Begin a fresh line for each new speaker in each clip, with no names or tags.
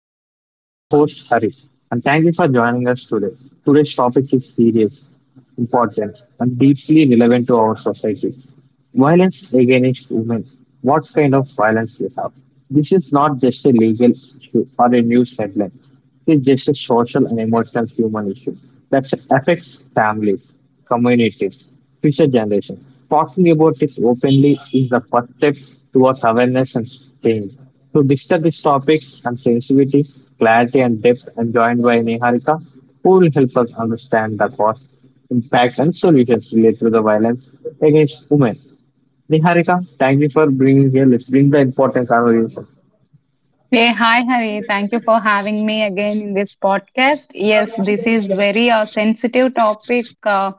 podcast. I'm your host, Hari, and thank you for joining us today. Today's topic is serious, important, and deeply relevant to our society violence against women. What kind of violence we have? This is not just a legal issue or a news headline is just a social and emotional human issue that affects families, communities, future generations. Talking about it openly is the first step towards awareness and change. To discuss this topic and sensitivity, clarity and depth, I'm joined by Niharika, who will help us understand the cause, impact, and solutions related to the violence against women. Niharika, thank you for bringing here. Let's bring the important conversation.
Hey, hi, Hari. Thank you for having me again in this podcast. Yes, this is very sensitive topic uh,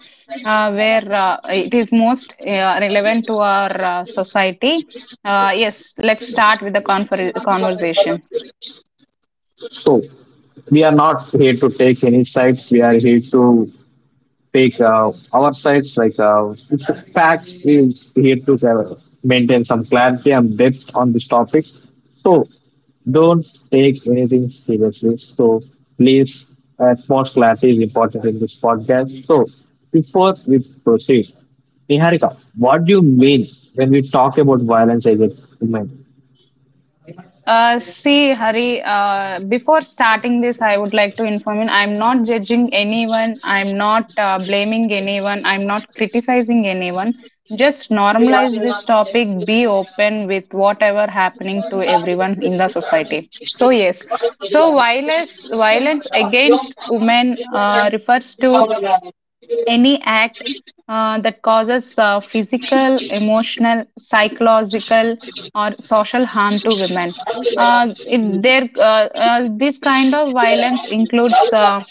uh, where it is most relevant to our society. Yes, let's start with the conversation.
So we are not here to take any sides. We are here to take our sides. It's is here to maintain some clarity and depth on this topic. So don't take anything seriously. So please, utmost clarity is important in this podcast. So before we proceed, Niharika, what do you mean when we talk about violence against women?
See, Hari, before starting this, I would like to inform you I'm not judging anyone, I'm not blaming anyone, I'm not criticizing anyone. Just normalize this topic, be open with whatever happening to everyone in the society. So, yes, so violence against women refers to any act that causes physical, emotional, psychological, or social harm to women. This kind of violence includes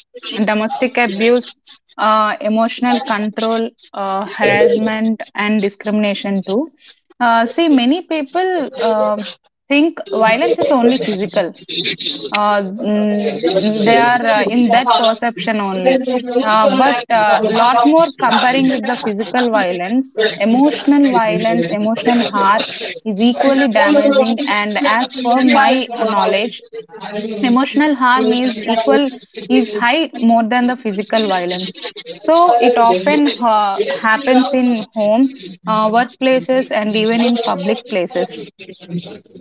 domestic abuse, emotional control, harassment, and discrimination too. See, many people think violence is only physical, they are in that perception only. But lot more comparing with the physical violence, emotional harm is equally damaging. And as per my knowledge, emotional harm is equal is high more than the physical violence. So it often happens in home, workplaces, and even in public places,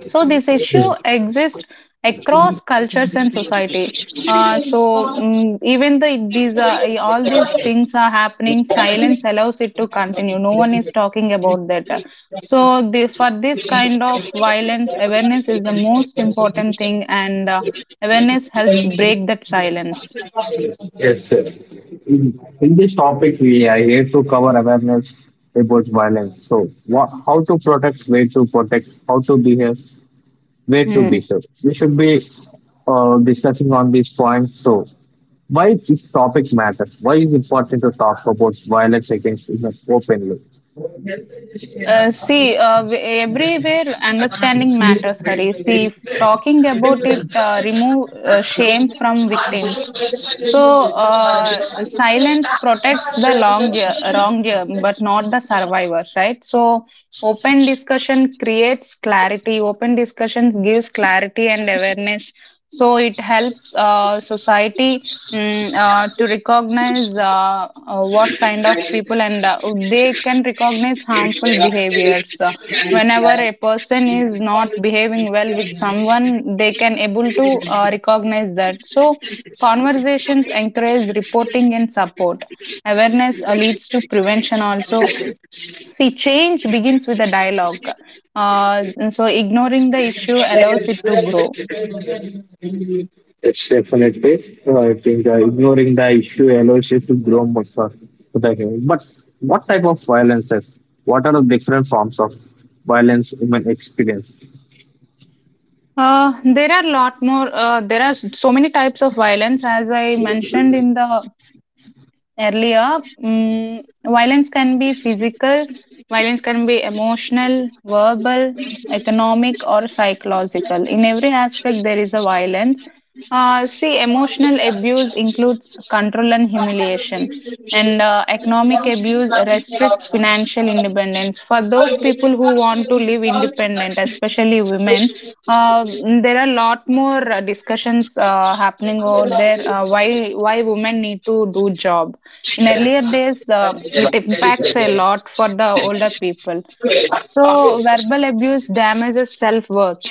so this issue exists across cultures and society. Even these are all these things are happening. Silence allows it to continue. No one is talking about that. So for this kind of violence, awareness is the most important thing, and awareness helps break that silence.
Yes, sir. In this topic, we are here to cover awareness about violence. So, what, how to protect, where to protect, how to behave, where to
Hmm.
behave. We should be discussing on these points. So, why this topic matters? Why is it important to talk about violence against women openly?
Uh, see, uh, w- everywhere understanding matters, Hari. See, if talking about it, remove shame from victims. So, silence protects the long year, wrong year, but not the survivor, right? So, open discussion creates clarity. Open discussions gives clarity and awareness. So, it helps society, to recognize, what kind of people, and they can recognize harmful behaviors. Whenever a person is not behaving well with someone, they can able to recognize that. So conversations encourage reporting and support. Awareness leads to prevention also. See, change begins with a dialogue. uh, so ignoring the issue allows it to grow.
It's definitely. I think ignoring the issue allows you to grow more for the human. But what type of violence is? What are the different forms of violence human experience?
There are lot more. There are so many types of violence, as I mentioned in the earlier, violence can be physical, violence can be emotional, verbal, economic, or psychological. In every aspect, there is a violence. See, emotional abuse includes control and humiliation, and economic abuse restricts financial independence. For those people who want to live independent, especially women, uh, there are a lot more discussions happening over there, why women need to do job in earlier days. It impacts a lot for the older people. So verbal abuse damages self-worth.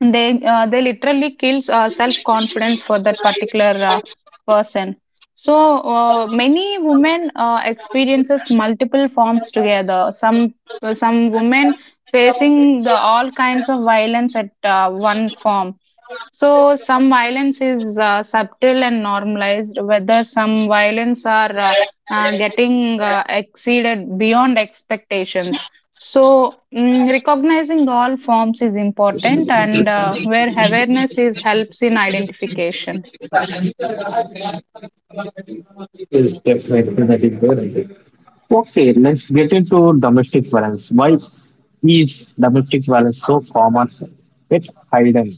They literally kills self-confidence for that particular person. So many women experiences multiple forms together. Some women facing the all kinds of violence at one form. So, some violence is subtle and normalized, whether some violence are getting exceeded beyond expectations. So, recognizing all forms is important, and where awareness is helps in identification.
It's definitely that is there. Okay, let's get into domestic violence. Why is domestic violence so common? It's hidden.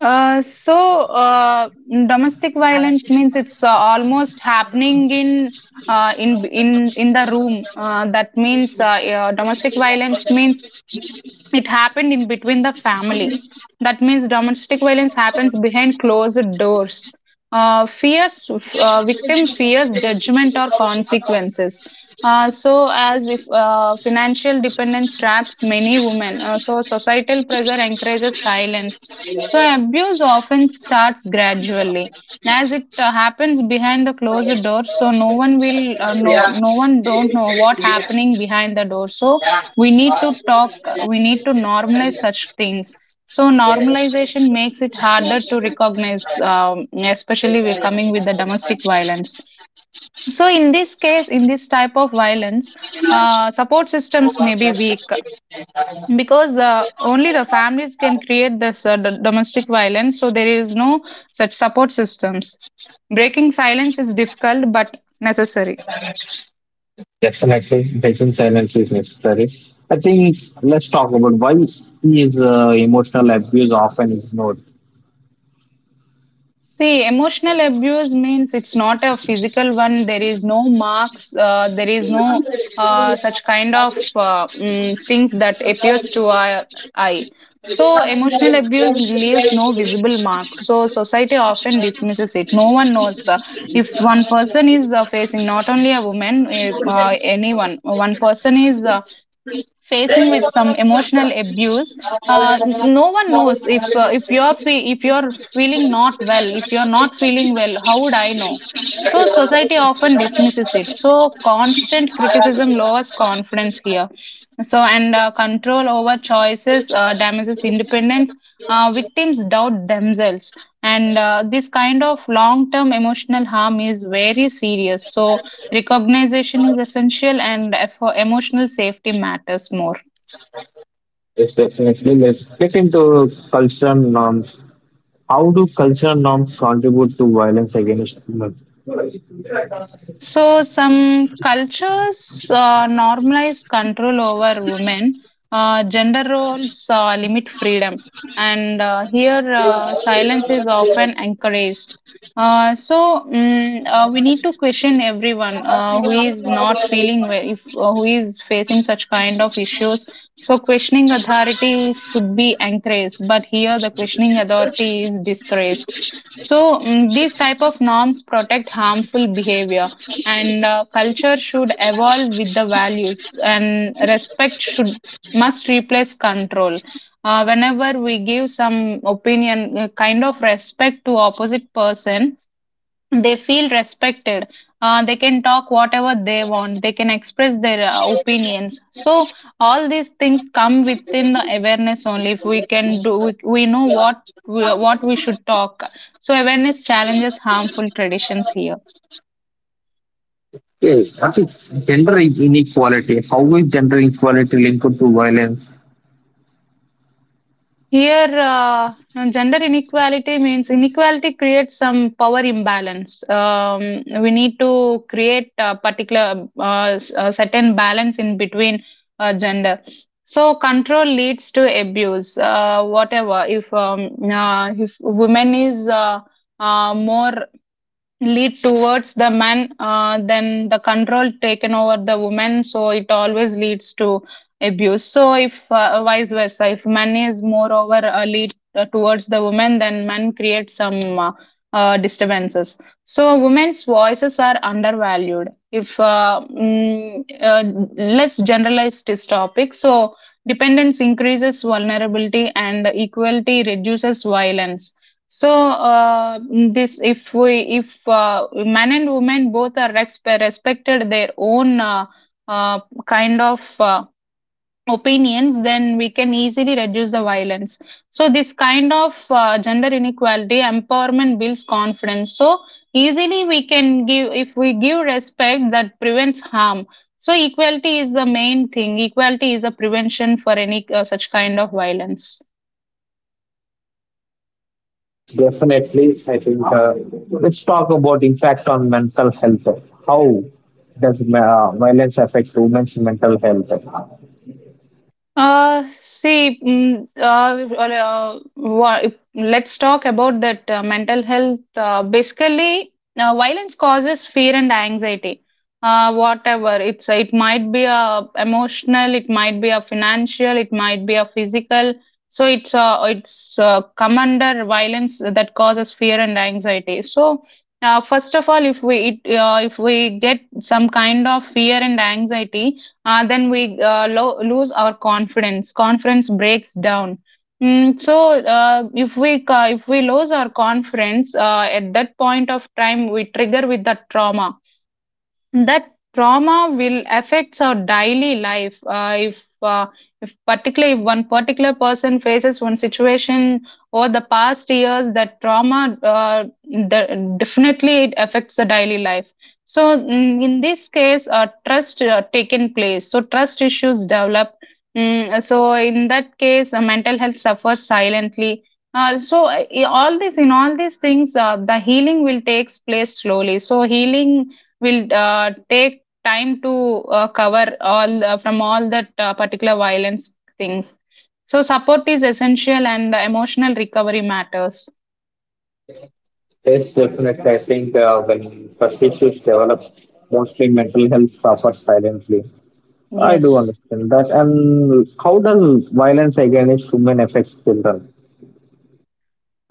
Uh, so, uh, Domestic violence means it's almost happening in in the room. That means Domestic violence means it happened in between the family. That means domestic violence happens behind closed doors. Fears Victim fears judgment or consequences. So as if financial dependence traps many women. So societal pressure encourages silence. So abuse often starts gradually as it happens behind the closed door, so no one will know, no one don't know what happening behind the door. So we need to talk, we need to normalize such things. So normalization makes it harder to recognize, especially we're coming with the domestic violence. So in this case, in this type of violence, support systems may be weak, because only the families can create this domestic violence, so there is no such support systems. Breaking silence is difficult but necessary.
Definitely, breaking silence is necessary. I think let's talk about why is emotional abuse often ignored.
See, emotional abuse means it's not a physical one. There is no marks. There is no such kind of things that appears to our eye. So emotional abuse leaves no visible marks. So society often dismisses it. No one knows if one person is facing, not only a woman, anyone. One person is facing with some emotional abuse. No one knows if if you're feeling not well, if you're not feeling well, how would I know? So society often dismisses it. So constant criticism lowers confidence here. So and control over choices damages independence. Victims doubt themselves, and this kind of long term emotional harm is very serious. So recognition is essential, and for emotional safety matters more.
Yes, definitely. Let's get into cultural norms. How do cultural norms contribute to violence against women?
So, some cultures normalize control over women, gender roles limit freedom, and here silence is often encouraged. We need to question everyone who is not feeling well, if who is facing such kind of issues. So, questioning authority should be encouraged, but here the questioning authority is discouraged. So, these type of norms protect harmful behavior, and culture should evolve with the values, and respect should must replace control. Whenever we give some opinion, kind of respect to opposite person, they feel respected. They can talk whatever they want, they can express their opinions. So all these things come within the awareness only. If we can do, we know what what we should talk. So awareness challenges harmful traditions here.
Yes, I think gender inequality. How is gender inequality linked to violence?
Here, gender inequality means inequality creates some power imbalance. We need to create a particular a certain balance in between gender. So control leads to abuse. Whatever, if women is more lead towards the man, then the control taken over the woman, so it always leads to abuse. So if vice versa, if man is moreover lead towards the woman, then man creates some disturbances. So women's voices are undervalued, if let's generalize this topic. So dependence increases vulnerability, and equality reduces violence. So this, if we, if men and women both are respected their own uh, kind of opinions, then we can easily reduce the violence. So this kind of gender inequality empowerment builds confidence. So easily we can give, if we give respect, that prevents harm. So equality is the main thing. Equality is a prevention for any such kind of violence.
Yes, definitely. I think let's talk about impact on mental health. How does violence affect women's mental health?
See, mm, or, wha- Let's talk about that mental health. Basically, violence causes fear and anxiety. Whatever it's, it might be a emotional, it might be a financial, it might be a physical. So it's come under violence that causes fear and anxiety. So first of all, if if we get some kind of fear and anxiety, then we lose our confidence breaks down. So if we lose our confidence, at that point of time we trigger with the trauma. That trauma will affects our daily life. If particularly if one particular person faces one situation over the past years, that trauma, definitely it affects the daily life. So in this case, trust taken place. So trust issues develop. So in that case, mental health suffers silently. All this in all these things, the healing will takes place slowly. So healing will take time to cover all from all that particular violence things. So support is essential, and the emotional recovery matters.
Yes, definitely. I think when first issues develop, mostly mental health suffers silently. I do
Yes.
understand that. And how does violence against women affect children?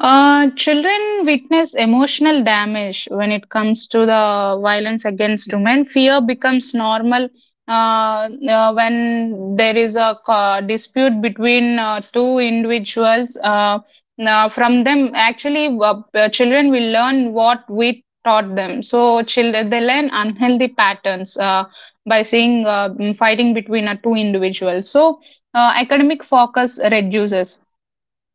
Children witness emotional damage when it comes to the violence against women. Fear becomes normal, when there is a dispute between two individuals. Now from them, actually, children will learn what we taught them. So, children they learn unhealthy patterns by seeing fighting between two individuals. So, academic focus reduces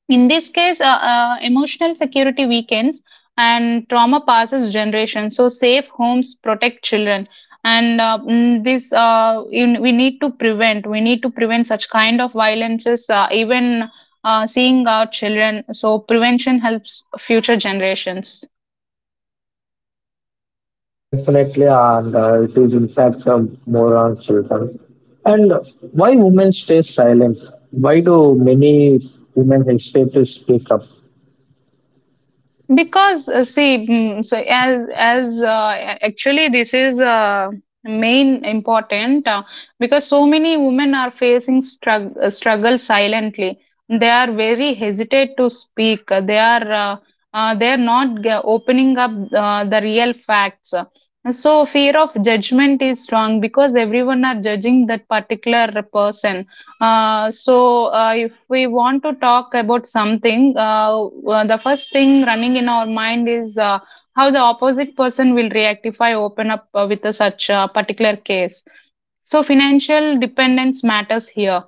in this case, emotional security weakens, and trauma passes generations. So, safe homes protect children, and this we need to prevent. We need to prevent such kind of violences, even seeing our children. So, prevention helps future generations.
Yes, definitely, and it is in fact more on children. And why women stay silent? Why do many women hesitate to speak up?
Because see, mm, so as a- actually this is main important, because so many women are facing struggle silently. They are very hesitant to speak. They are not opening up the real facts. So fear of judgment is strong because everyone are judging that particular person. If we want to talk about something, the first thing running in our mind is how the opposite person will react if I open up with a such a particular case. So, financial dependence matters here.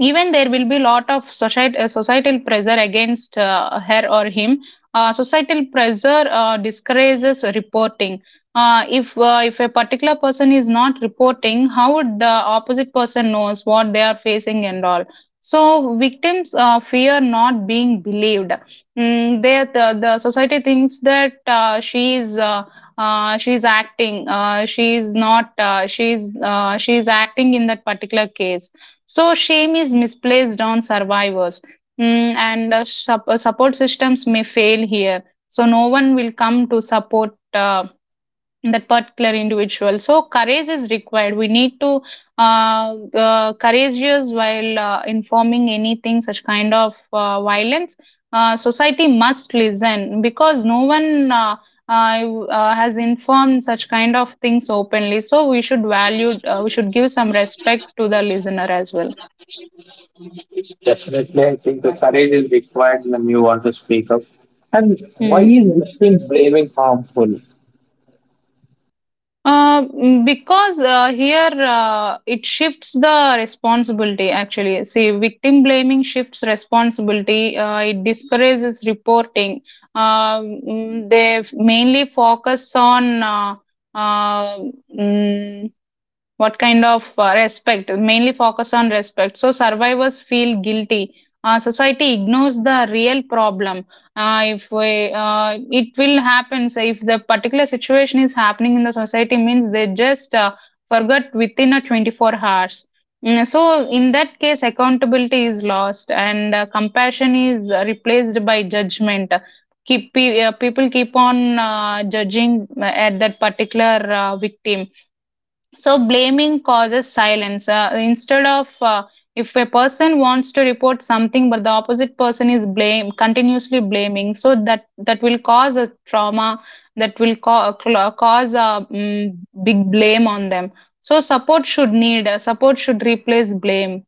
Even there will be lot of societal pressure against her or him. Societal pressure discourages reporting. If a particular person is not reporting, how would the opposite person knows what they are facing and all? So victims fear not being believed. The society thinks that she is not she is acting in that particular case. So shame is misplaced on survivors. And support systems may fail here. So no one will come to support that particular individual. So courage is required. We need to courageous while informing anything such kind of violence. Society must listen because no one. Has informed such kind of things openly, so we should value, we should give some respect to the listener as well.
Definitely, I think the courage is required when you want to speak up. And why
Hmm.
is victim blaming harmful?
Because here it shifts the responsibility actually. See, victim blaming shifts responsibility, it discourages reporting. They mainly focus on, uh, what kind of respect, mainly focus on respect, so survivors feel guilty. Society ignores the real problem. If we, It will happen. So if the particular situation is happening in the society means, they just forgot within a 24 hours. So in that case accountability is lost, and compassion is replaced by judgment. People keep on judging at that particular victim. So blaming causes silence. Instead of, if a person wants to report something, but the opposite person is blame continuously blaming, so that will cause a trauma. That will cause a big blame on them. So support should replace blame.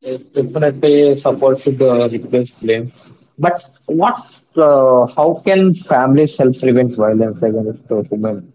Yes, definitely support should replace blame. But what? How can families help prevent violence against women?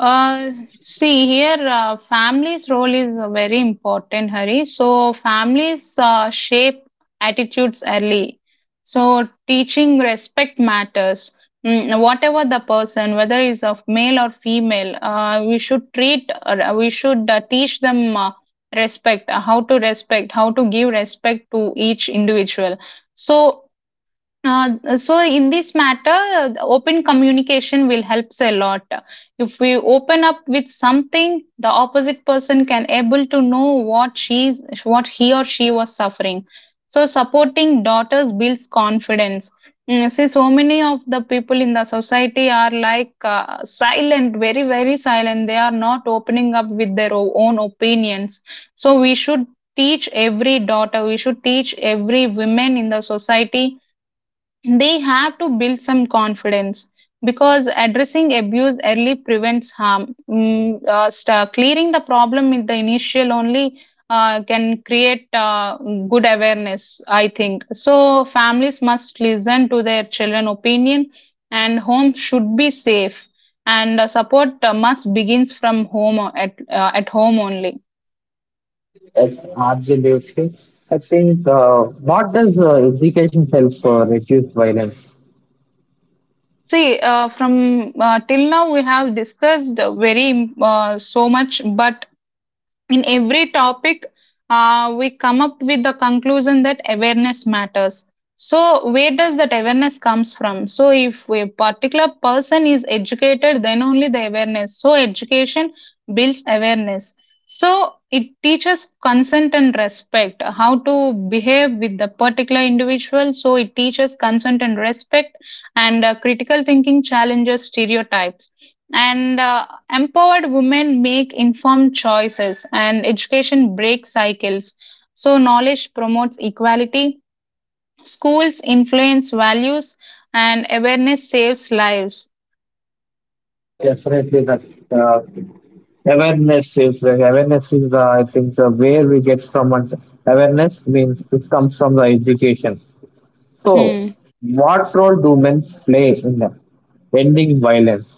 Uh, See here, family's role is very important, Hari. So families shape attitudes early. So teaching respect matters. Whatever the person, whether is of male or female, we should teach them respect, how to respect, how to give respect to each individual. So so in this matter, the open communication will helps a lot. If we open up with something, the opposite person can able to know what he or she was suffering. So supporting daughters builds confidence. See, so many of the people in the society are like, silent, very very silent. They are not opening up with their own opinions. So we should teach every daughter. We should teach every woman in the society. They have to build some confidence because addressing abuse early prevents harm. Clearing the problem in the initial only can create good awareness, I think. So, families must listen to their children' opinion, and home should be safe. And support must begins from home or at home only.
Yes, absolutely. I think what does education help reduce violence?
See, from till now we have discussed very so much, but in every topic we come up with the conclusion that awareness matters. So where does that awareness comes from? So if a particular person is educated, then only the awareness. So education builds awareness. So it teaches consent and respect, how to behave with the particular individual. So it teaches consent and respect, and critical thinking challenges stereotypes, and empowered women make informed choices, and education breaks cycles. So knowledge promotes equality. Schools influence values, and awareness saves lives.
Yes, definitely that uh, awareness is the I think the where we get from and awareness means it comes from the education. So,
Hmm.
what role do men play in ending violence?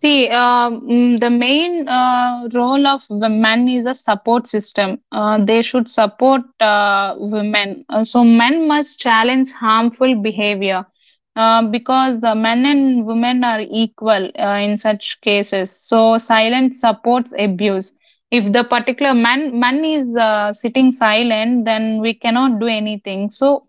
See, the main role of women is a support system. They should support women. Men must challenge harmful behavior because the men and women are equal in such cases. So, silence supports abuse. If the particular man is sitting silent, then we cannot do anything. So,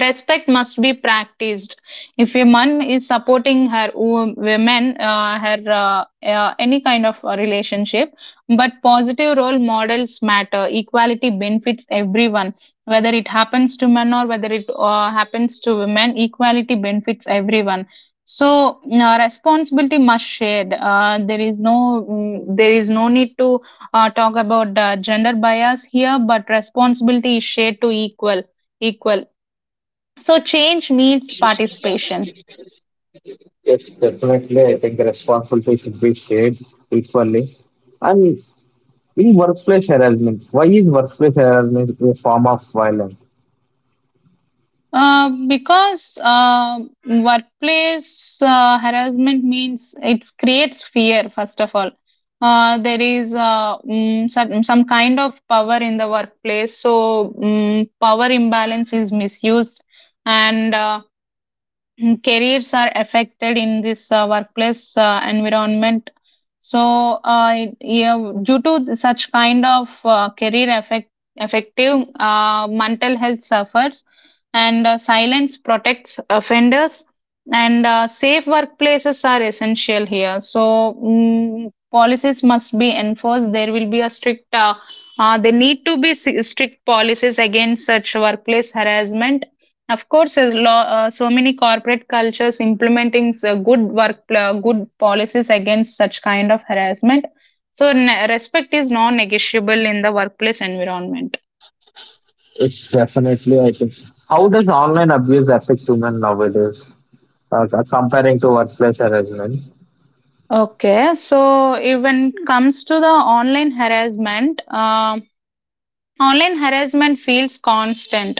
respect must be practiced if a man is supporting her women, her any kind of relationship. But positive role models matter. Equality benefits everyone, whether it happens to men or whether it happens to women. Equality benefits everyone. So responsibility must shared. There is no need to talk about gender bias here, but responsibility is shared to equal, equal so change needs participation.
Yes, definitely. I think the responsibility should be shared equally. And in workplace harassment, why is workplace harassment a form of violence?
Because workplace harassment means it creates fear first of all. There is some kind of power in the workplace, so power imbalance is misused. And careers are affected in this workplace environment. So yeah, due to such kind of career effect, effective mental health suffers. And silence protects offenders. And safe workplaces are essential here, so policies must be enforced. There will be a strict, there need to be strict policies against such workplace harassment. Of course, law, so many corporate cultures implementing good good policies against such kind of harassment. So, respect is non-negotiable in the workplace environment.
It's definitely, I think. How does online abuse affect women nowadays? Comparing to workplace harassment,
Okay, so if when it comes to the online harassment, online harassment feels constant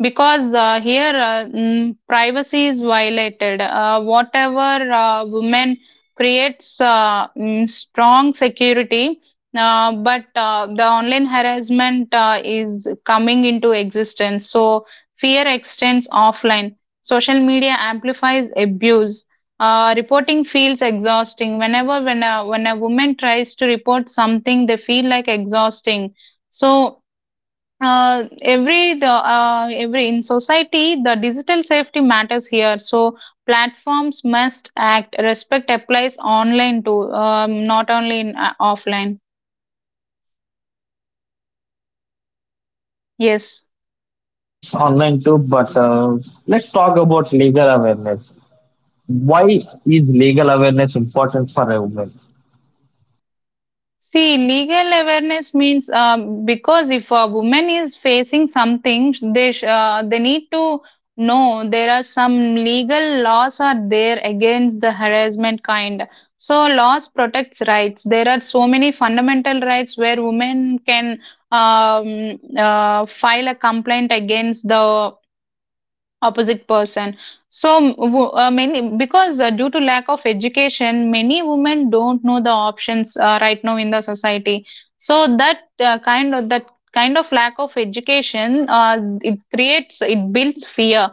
because here privacy is violated. Whatever women creates strong security, but the online harassment is coming into existence. So fear extends offline. Social media amplifies abuse. Reporting feels exhausting. When a woman tries to report something, they feel like exhausting. So every in society, the digital safety matters here. So platforms must act. Respect applies online too, not only in offline. Yes.
offline, online too. But let's talk about legal awareness. Why is legal awareness important for a woman?
See, legal awareness means, because if a woman is facing something, they need to know there are some legal laws are there against the harassment kind. So laws protects rights. There are so many fundamental rights where women can file a complaint against the opposite person. So many, because due to lack of education, many women don't know the options right now in the society. So that kind of lack of education it builds fear.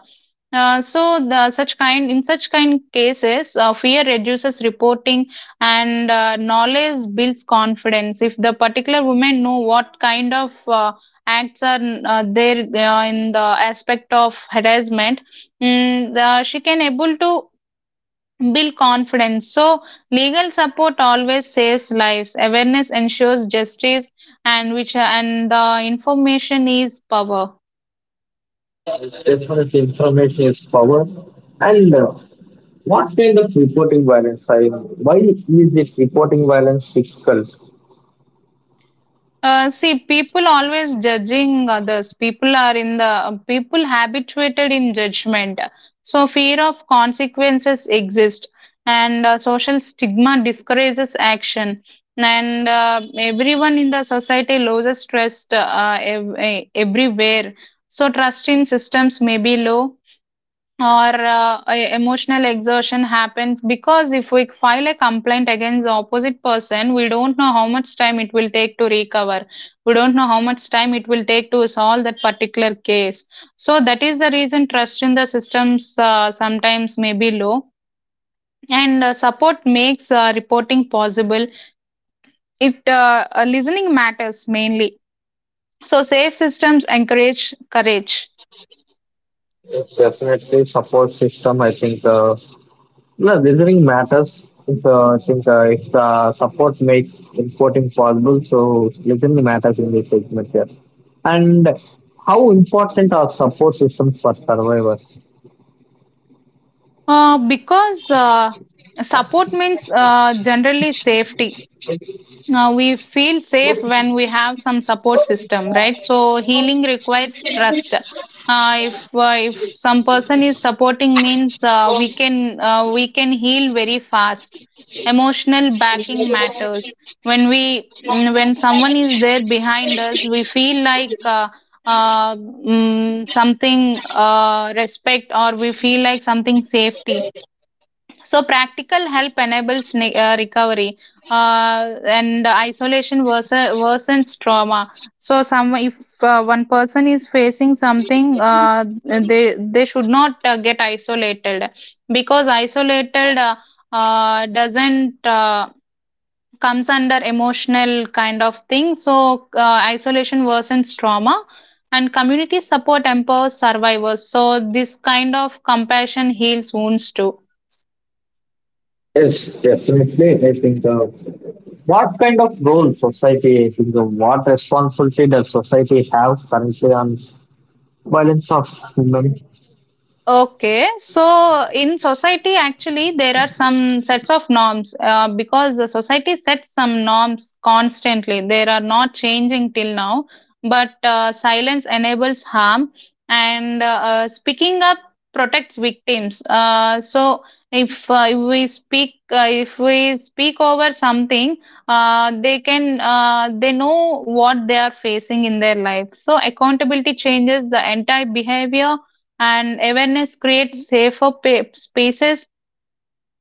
So the such kind, in such kind cases, fear reduces reporting. And knowledge builds confidence if the particular women know what kind of acts are there in the aspect of harassment. She can able to build confidence. So legal support always saves lives. Awareness ensures justice. And which and the information is power.
Definitely, information is power, and what kind of reporting violence? I why is this reporting violence difficult?
See, people always judging others. People habituated in judgment. So fear of consequences exist, and social stigma discourages action. And everyone in the society loses trust everywhere. So trust in systems may be low, or emotional exertion happens. Because if we file a complaint against the opposite person, we don't know how much time it will take to recover. We don't know how much time it will take to solve that particular case. So that is the reason trust in the systems sometimes may be low. And support makes reporting possible. It Listening matters mainly. So safe systems encourage courage.
It's definitely support system. I think no, listening matters. If, I think if the support makes reporting possible, so listening matters in this segment here. And how important are support systems for survivors?
Because support means generally safety. Now we feel safe when we have some support system, right? So healing requires trust. If some person is supporting means, we can heal very fast. Emotional backing matters. When someone is there behind us, we feel like something respect, or we feel like something safety. So practical help enables recovery, and worsens trauma. So, some if one person is facing something, they should not get isolated, because isolated doesn't comes under emotional kind of thing. So isolation worsens trauma. And community support empowers survivors. So this kind of compassion heals wounds too.
Yes, definitely. I think what kind of role society, I think, what responsibility does society have currently on violence of women
Okay, so in society, actually, there are some sets of norms, because the society sets some norms constantly. They are not changing till now, but silence enables harm, and speaking up protects victims. So if we speak over something, they know what they are facing in their life. So accountability changes the entire behavior, and awareness creates safer spaces,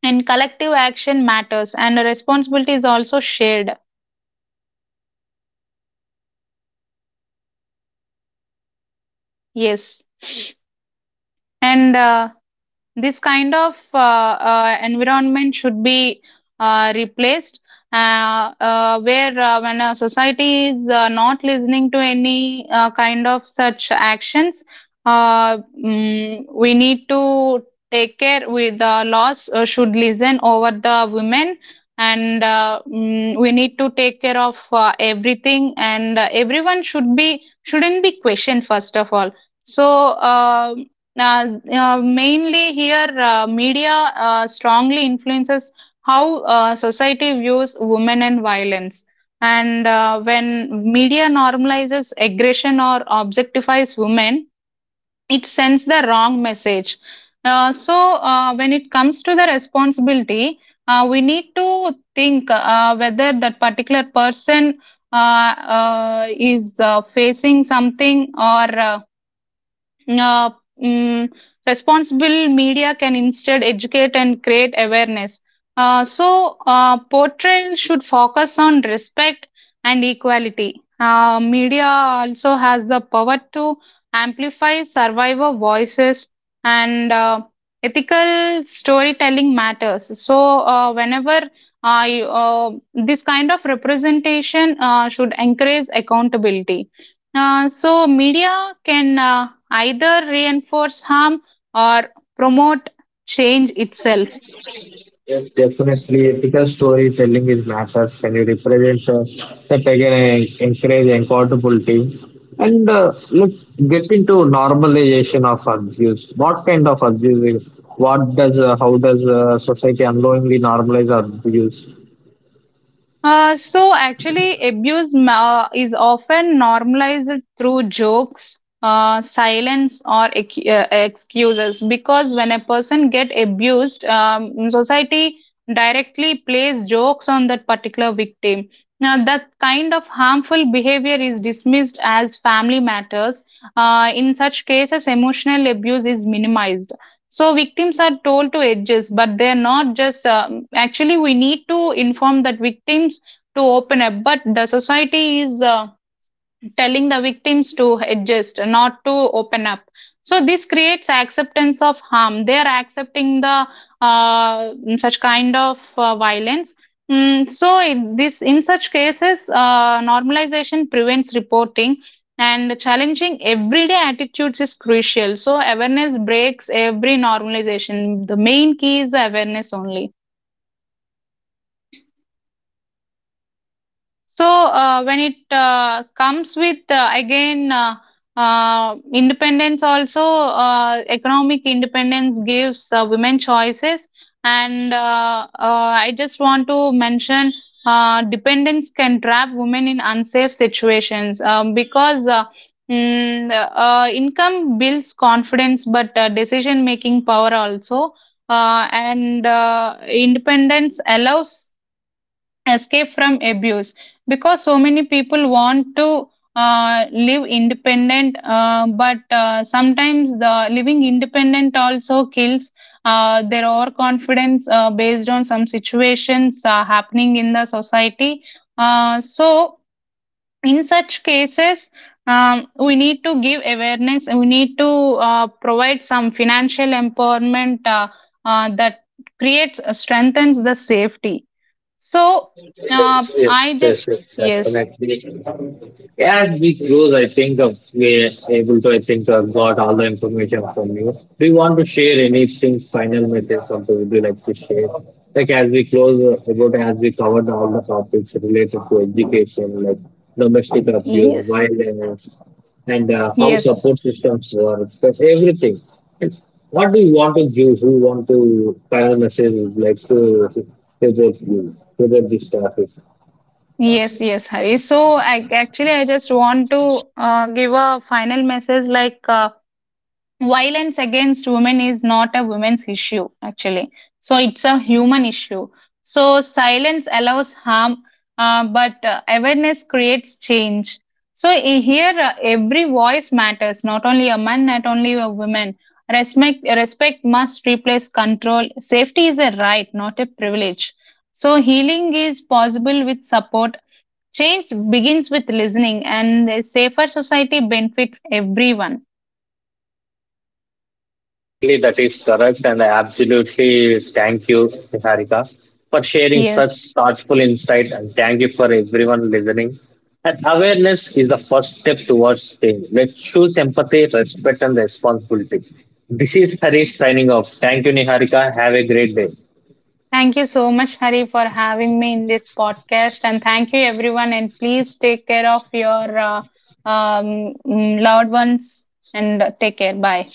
and collective action matters, and the responsibility is also shared. Yes. and This kind of environment should be replaced, where, when a society is not listening to any kind of such actions, uh, we need to take care. With the laws, should listen over the women, and we need to take care of everything, and everyone shouldn't be questioned first of all. So uh, uh, mainly here, media strongly influences how, society views women and violence. And when media normalizes aggression or objectifies women, it sends the wrong message. When it comes to the responsibility, we need to think whether that particular person is facing something, uh, mm, responsible media can instead educate and create awareness. Portrayal should focus on respect and equality. Media also has the power to amplify survivor voices, and ethical storytelling matters. This kind of representation should encourage accountability. So media can either reinforce harm or promote change itself.
is definitely ethical storytelling is matters when you represent the pagan and encourage accountability and let's get into normalization of abuse what kind of abuse is what does how does society unknowingly normalize abuse
So actually, is often normalized through jokes, silence, or excuses. Because when a person get abused, society directly plays jokes on that particular victim. Now, that kind of harmful behavior is dismissed as family matters. In such cases, emotional abuse is minimized. So victims are told to adjust, but they are not just. Actually, we need to inform that victims to open up, but the society is. Telling the victims to adjust, not to open up. So this creates acceptance of harm. They are accepting the such kind of violence. This, in such cases, normalization prevents reporting, and challenging everyday attitudes is crucial. So awareness breaks every normalization. The main key is awareness only. When it comes with, again independence, also economic independence gives women choices, and I just want to mention dependence can trap women in unsafe situations, because. Income builds confidence, but decision making power also, and independence allows escape from abuse, because so many people want to live independent, but sometimes the living independent also kills their overconfidence based on some situations happening in the society. So in such cases, we need to give awareness, we need to provide some financial empowerment, that creates, strengthens the safety. So
yes yes
I
yes,
just
yes
Yes,
definitely. Yeah, as we close, I think of we're able to. I think to have got all the information from you. Do you want to share anything final message something would you like to share? Like as we close, about as we covered all the topics related to education, like domestic abuse,
yes,
violence, and how
yes,
support systems work, that's everything. And what do you want to give? Who want to final message would like to about you about this topic?
yes, yes, Hari. So, I just want to give a final message like, violence against women is not a women's issue actually, so it's a human issue. So silence allows harm, but awareness creates change. So here, every voice matters, not only a man, not only a woman. Respect must replace control. Safety is a right, not a privilege. So healing is possible with support, change begins with listening, and a safer society benefits everyone.
Definitely, that is correct, and I absolutely thank you, Harika, for sharing
Yes.
such thoughtful insight, and thank you for everyone listening. And awareness is the first step towards change. Let's choose empathy, respect, and responsibility. This is Harish signing off. Thank you, Niharika. Have a great day.
Thank you so much, Hari, for having me in this podcast. And thank you, everyone. And please take care of your loved ones, and take care. Bye.